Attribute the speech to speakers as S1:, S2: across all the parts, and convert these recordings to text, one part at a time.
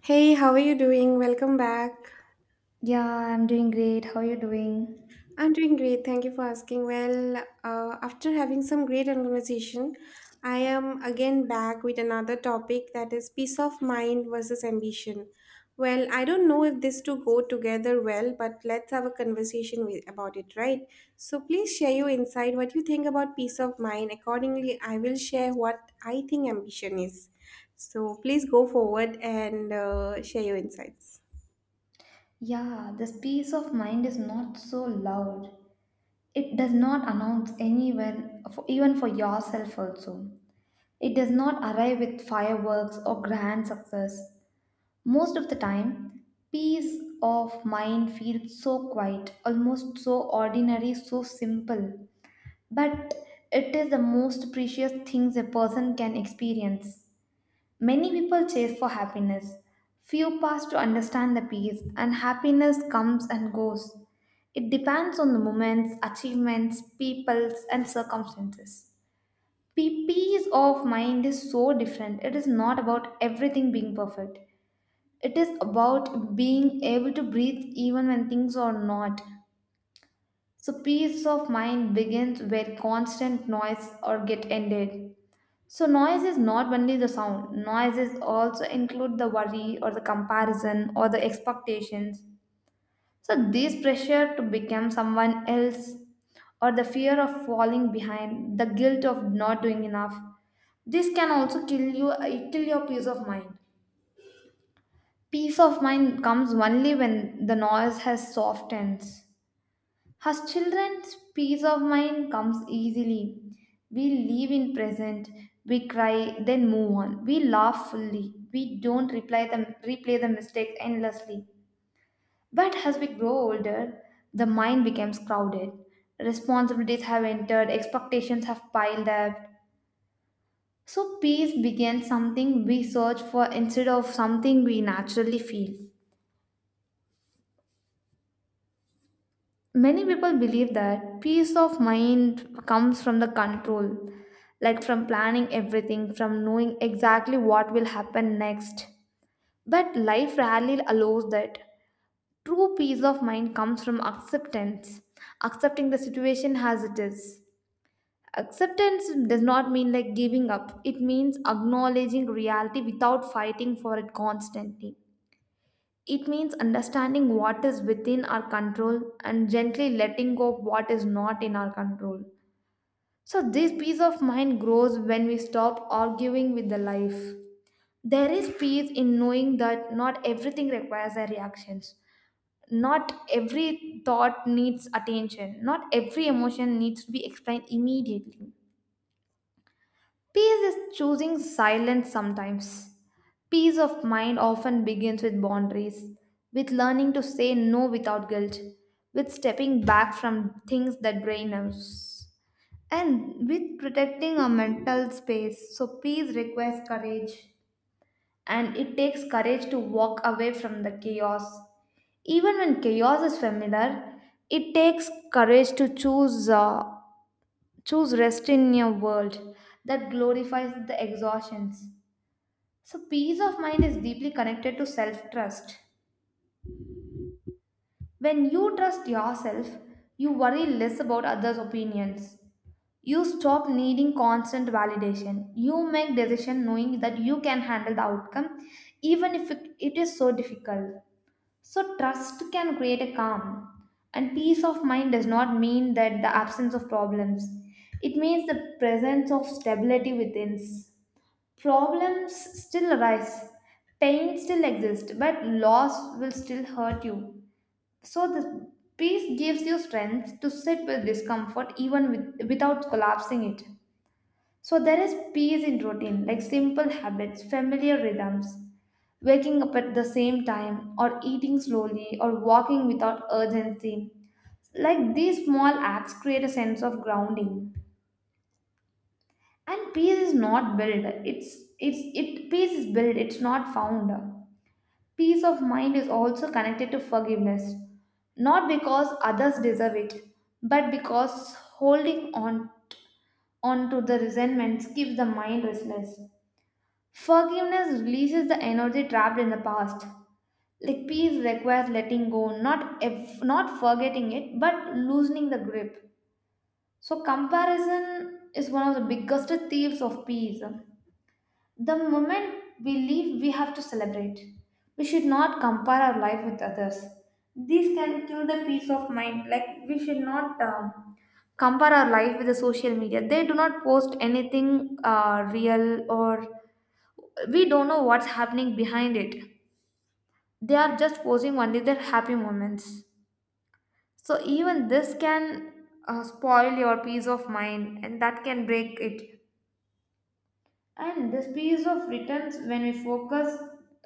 S1: Hey, how are you doing? Welcome back.
S2: Yeah, I'm doing great. How are you doing?
S1: I'm doing great. Thank you for asking. Well, after having some great conversation, I am again back with another topic, that is peace of mind versus ambition. Well, I don't know if these two go together well, but let's have a conversation about it, right? So please share your insight, what you think about peace of mind. Accordingly, I will share what I think ambition is. So please go forward and share your insights.
S2: Yeah, this peace of mind is not so loud. It does not announce anyone, for, even for yourself also. It does not arrive with fireworks or grand success. Most of the time, peace of mind feels so quiet, almost so ordinary, so simple. But it is the most precious things a person can experience. Many people chase for happiness. Few pass to understand the peace, and happiness comes and goes. It depends on the moments, achievements, peoples, and circumstances. Peace of mind is so different. It is not about everything being perfect, it is about being able to breathe even when things are not. So, peace of mind begins where constant noise or get ended. So noise is not only the sound. Noise is also include the worry or the comparison or the expectations. So this pressure to become someone else or the fear of falling behind, the guilt of not doing enough. This can also kill your peace of mind. Peace of mind comes only when the noise has softened. As children's peace of mind comes easily. We live in present, we cry, then move on. We laugh fully. We don't replay the mistakes endlessly. But as we grow older, the mind becomes crowded. Responsibilities have entered, expectations have piled up. So peace begins something we search for instead of something we naturally feel. Many people believe that peace of mind comes from the control, like from planning everything, from knowing exactly what will happen next. But life rarely allows that. True peace of mind comes from acceptance, accepting the situation as it is. Acceptance does not mean like giving up, it means acknowledging reality without fighting for it constantly. It means understanding what is within our control and gently letting go of what is not in our control. So, this peace of mind grows when we stop arguing with the life. There is peace in knowing that not everything requires a reaction. Not every thought needs attention. Not every emotion needs to be explained immediately. Peace is choosing silence sometimes. Peace of mind often begins with boundaries, with learning to say no without guilt, with stepping back from things that drain us, and with protecting our mental space. So, peace requires courage, and it takes courage to walk away from the chaos. Even when chaos is familiar, it takes courage to choose rest in a world that glorifies the exhaustions. So, peace of mind is deeply connected to self trust. When you trust yourself, you worry less about others' opinions. You stop needing constant validation. You make decisions knowing that you can handle the outcome even if it is so difficult. So trust can create a calm. And peace of mind does not mean that the absence of problems. It means the presence of stability within. Problems still arise, pain still exists, but loss will still hurt you. So the peace gives you strength to sit with discomfort even without collapsing it. So there is peace in routine, like simple habits, familiar rhythms, waking up at the same time, or eating slowly, or walking without urgency. Like these small acts create a sense of grounding. And peace is not built. It's it Peace is built. It's not found. Peace of mind is also connected to forgiveness, not because others deserve it, but because holding on onto the resentments keeps the mind restless. Forgiveness releases the energy trapped in the past. Like peace requires letting go, not forgetting it, but loosening the grip. So comparison is one of the biggest thieves of peace. The moment we leave, we have to celebrate. We should not compare our life with others. These can kill the peace of mind. Like, we should not compare our life with the social media. They do not post anything real, or we don't know what's happening behind it. They are just posting only their happy moments. So, even this can spoil your peace of mind, and that can break it. And the space of returns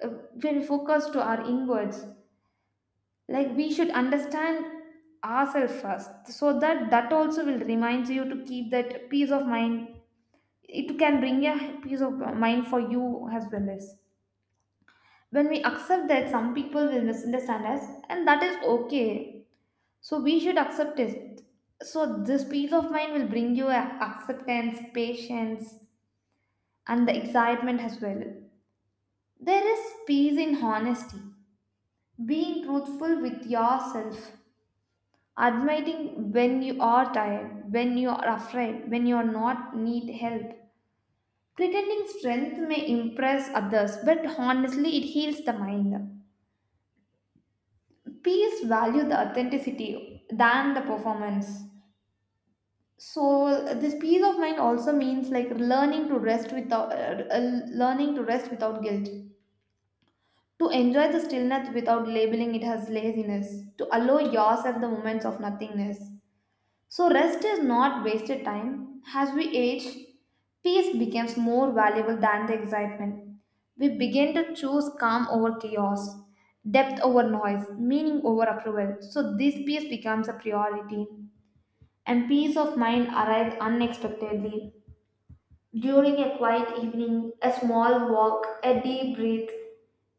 S2: uh, when we focus to our inwards, like we should understand ourselves first, so that that also will remind you to keep that peace of mind. It can bring a peace of mind for you as well as when we accept that some people will misunderstand us, and that is okay. So we should accept it. So this peace of mind will bring you a acceptance, patience, and the excitement as well. There is peace in honesty, being truthful with yourself, admitting when you are tired, when you are afraid, when you are not need help. Pretending strength may impress others, but honestly, it heals the mind. Peace value the authenticity than the performance. So this peace of mind also means like learning to rest without learning to rest without guilt. To enjoy the stillness without labeling it as laziness, to allow yourself the moments of nothingness. So, rest is not wasted time. As we age, peace becomes more valuable than the excitement. We begin to choose calm over chaos, depth over noise, meaning over approval. So, this peace becomes a priority, and peace of mind arrives unexpectedly. During a quiet evening, a small walk, a deep breath,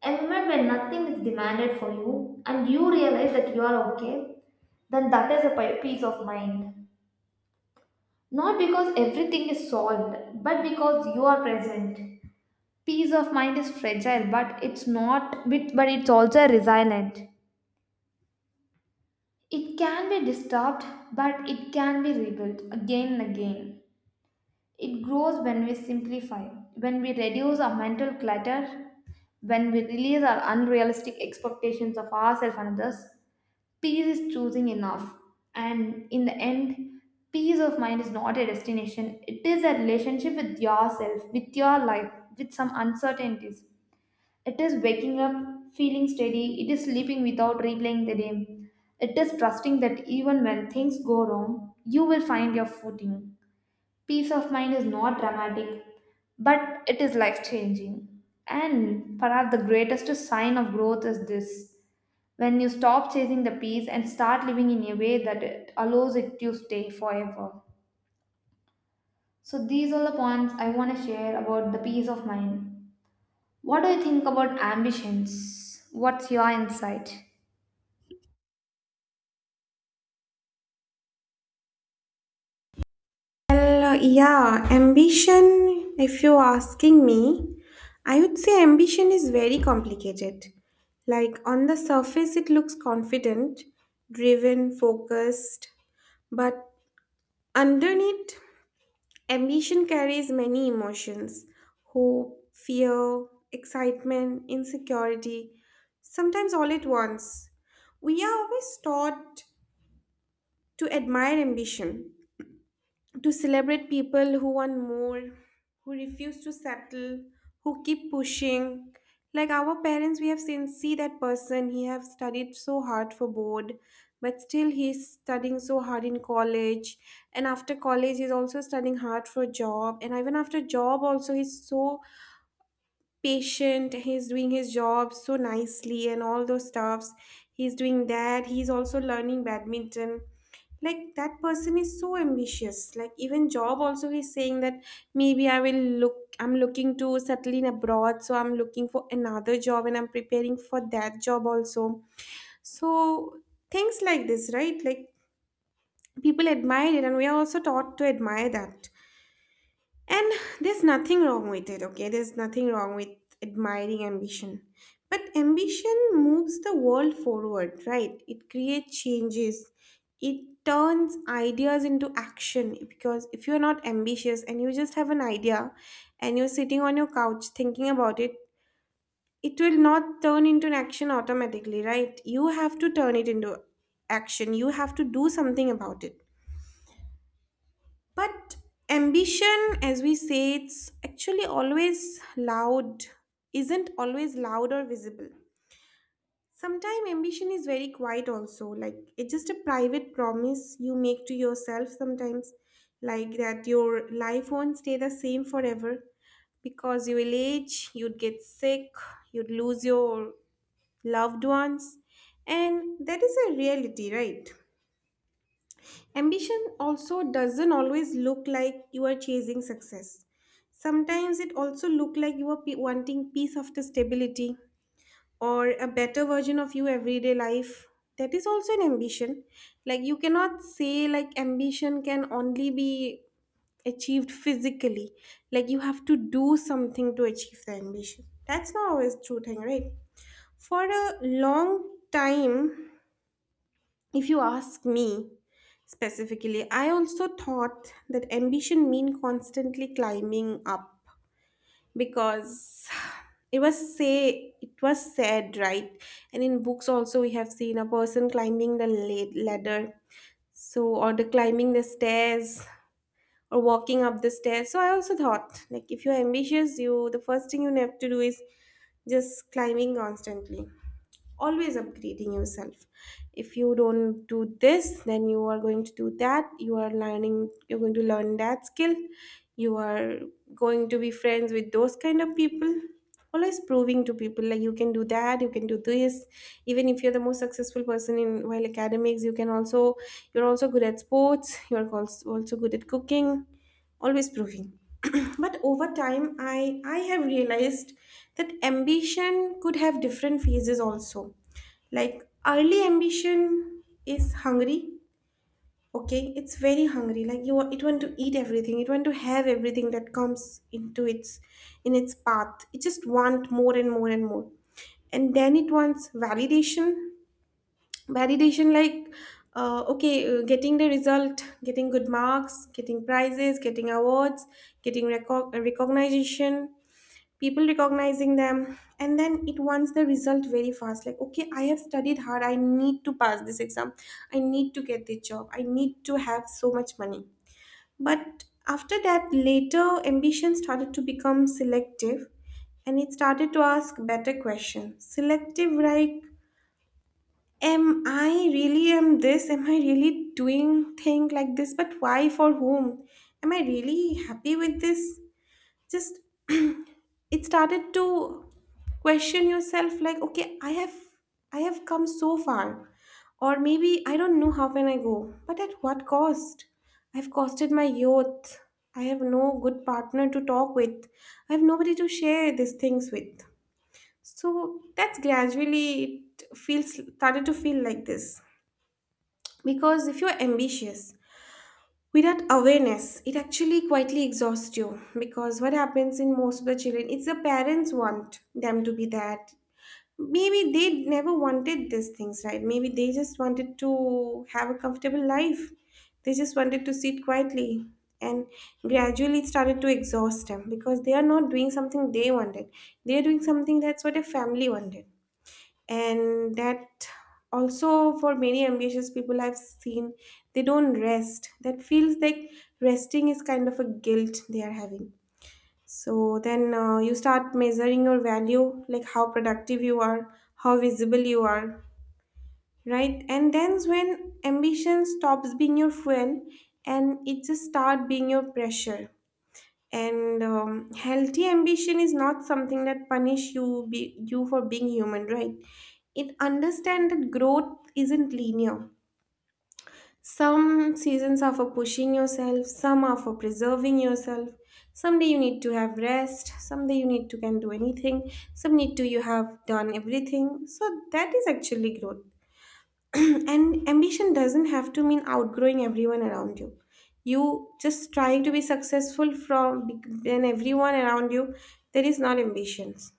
S2: a moment when nothing is demanded for you and you realize that you are okay, then that is a peace of mind. Not because everything is solved, but because you are present. Peace of mind is fragile, but it's not, but it's also resilient. It can be disturbed, but it can be rebuilt again and again. It grows when we simplify, when we reduce our mental clutter, when we release our unrealistic expectations of ourselves and others. Peace is choosing enough. And in the end, peace of mind is not a destination, it is a relationship with yourself, with your life, with some uncertainties. It is waking up, feeling steady, it is sleeping without replaying the day. It is trusting that even when things go wrong, you will find your footing. Peace of mind is not dramatic, but it is life changing. And perhaps the greatest sign of growth is this: when you stop chasing the peace and start living in a way that it allows it to stay forever. So, these are the points I want to share about the peace of mind. What do you think about ambitions? What's your insight?
S1: Well, yeah, ambition, if you're asking me, I would say ambition is very complicated. Like, on the surface, it looks confident, driven, focused, but underneath, ambition carries many emotions: hope, fear, excitement, insecurity, sometimes all at once. We are always taught to admire ambition, to celebrate people who want more, who refuse to settle, who keep pushing. Like our parents, we have see that person. He have studied so hard for board, but still he's studying so hard in college. And after college, he's also studying hard for job. And even after job, also he's so patient, he's doing his job so nicely, and all those stuffs he's doing. That he's also learning badminton, like that person is so ambitious. Like even job also he's saying that maybe I'm looking to settle in abroad, so I'm looking for another job, and I'm preparing for that job also. So things like this, right? Like, people admire it and we are also taught to admire that. And there's nothing wrong with it, okay? There's nothing wrong with admiring ambition. But ambition moves the world forward, right? It creates changes. It turns ideas into action, because if you're not ambitious and you just have an idea and you're sitting on your couch thinking about it, it will not turn into an action automatically, right? You have to turn it into action. You have to do something about it. But ambition, as we say, it's actually isn't always loud or visible. Sometimes ambition is very quiet, also. Like, it's just a private promise you make to yourself sometimes, like that your life won't stay the same forever, because you will age, you'd get sick, you'd lose your loved ones, and that is a reality, right? Ambition also doesn't always look like you are chasing success. Sometimes it also look like you are wanting peace after stability or a better version of you everyday life. That is also an ambition. Like, you cannot say like ambition can only be achieved physically. Like you have to do something to achieve the ambition. That's not always true thing, right? For a long time, if you ask me specifically, I also thought that ambition mean constantly climbing up, because it was said, right, and in books also we have seen a person climbing the ladder, so, or the climbing the stairs or walking up the stairs. So I also thought like if you're ambitious, you the first thing you have to do is just climbing constantly, always upgrading yourself. If you don't do this, then you are going to do that, you are learning, you're going to learn that skill, you are going to be friends with those kind of people, always proving to people like you can do that, you can do this. Even if you're the most successful person in while academics, you can also, you're also good at sports, you're also good at cooking, always proving but over time I have realized that ambition could have different phases also. Like, early ambition is hungry, okay? It's very hungry. Like, you it want to eat everything, it want to have everything that comes into its in its path, it just want more and more and more. And then it wants validation. Validation like, okay getting the result, getting good marks, getting prizes, getting awards, getting recognition, people recognizing them. And then it wants the result very fast, like, okay, I have studied hard, I need to pass this exam, I need to get this job, I need to have so much money. But after that, later ambition started to become selective, and it started to ask better questions. Selective like, am I really doing thing like this, but why, for whom, am I really happy with this? Just, it started to question yourself like, okay, I have, I have come so far, or maybe I don't know how can I go, but at what cost? I've costed my youth, I have no good partner to talk with, I have nobody to share these things with. So that's gradually, it feels started to feel like this. Because if you're ambitious without awareness, it actually quietly exhausts you. Because what happens in most of the children, it's the parents want them to be that. Maybe they never wanted these things, right? Maybe they just wanted to have a comfortable life. They just wanted to sit quietly. And gradually, it started to exhaust them because they are not doing something they wanted. They are doing something that's what a family wanted. And that, also for many ambitious people I've seen, they don't rest. That feels like resting is kind of a guilt they are having. So then, you start measuring your value like how productive you are, how visible you are, right? And then's when ambition stops being your fuel, and it just start being your pressure. And healthy ambition is not something that you for being human, right? It understand that growth isn't linear. Some seasons are for pushing yourself, some are for preserving yourself. Someday you need to have rest, someday you need to can do anything, some need to you have done everything. So that is actually growth. And ambition doesn't have to mean outgrowing everyone around you. You just trying to be successful from then everyone around you, that is not ambitions.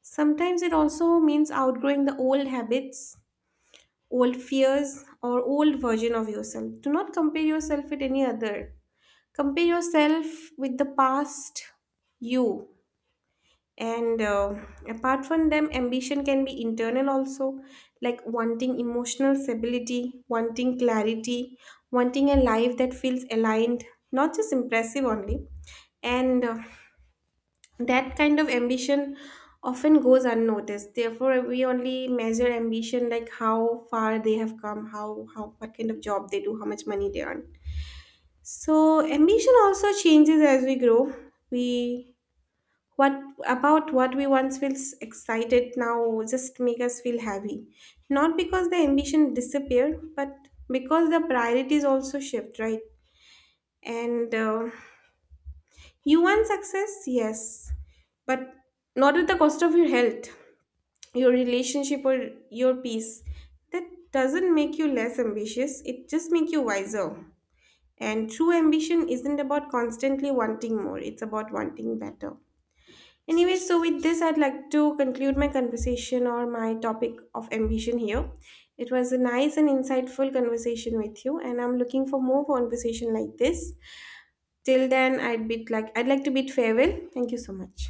S1: Sometimes it also means outgrowing the old habits, old fears, or old version of yourself. Do not compare yourself with any other, compare yourself with the past you. And apart from them, ambition can be internal also, like wanting emotional stability, wanting clarity, wanting a life that feels aligned, not just impressive only. And that kind of ambition often goes unnoticed. Therefore, we only measure ambition like how far they have come, how, what kind of job they do, how much money they earn. So ambition also changes as we grow. We, what about what we once feels excited now just make us feel happy. Not because the ambition disappeared, but because the priorities also shift, right? And you want success, yes, but not at the cost of your health, your relationship, or your peace. That doesn't make you less ambitious, it just makes you wiser. And true ambition isn't about constantly wanting more, it's about wanting better. Anyway, so with this, I'd like to conclude my conversation or my topic of ambition here. It was a nice and insightful conversation with you, and I'm looking for more conversation like this. Till then, I'd like to bid farewell. Thank you so much.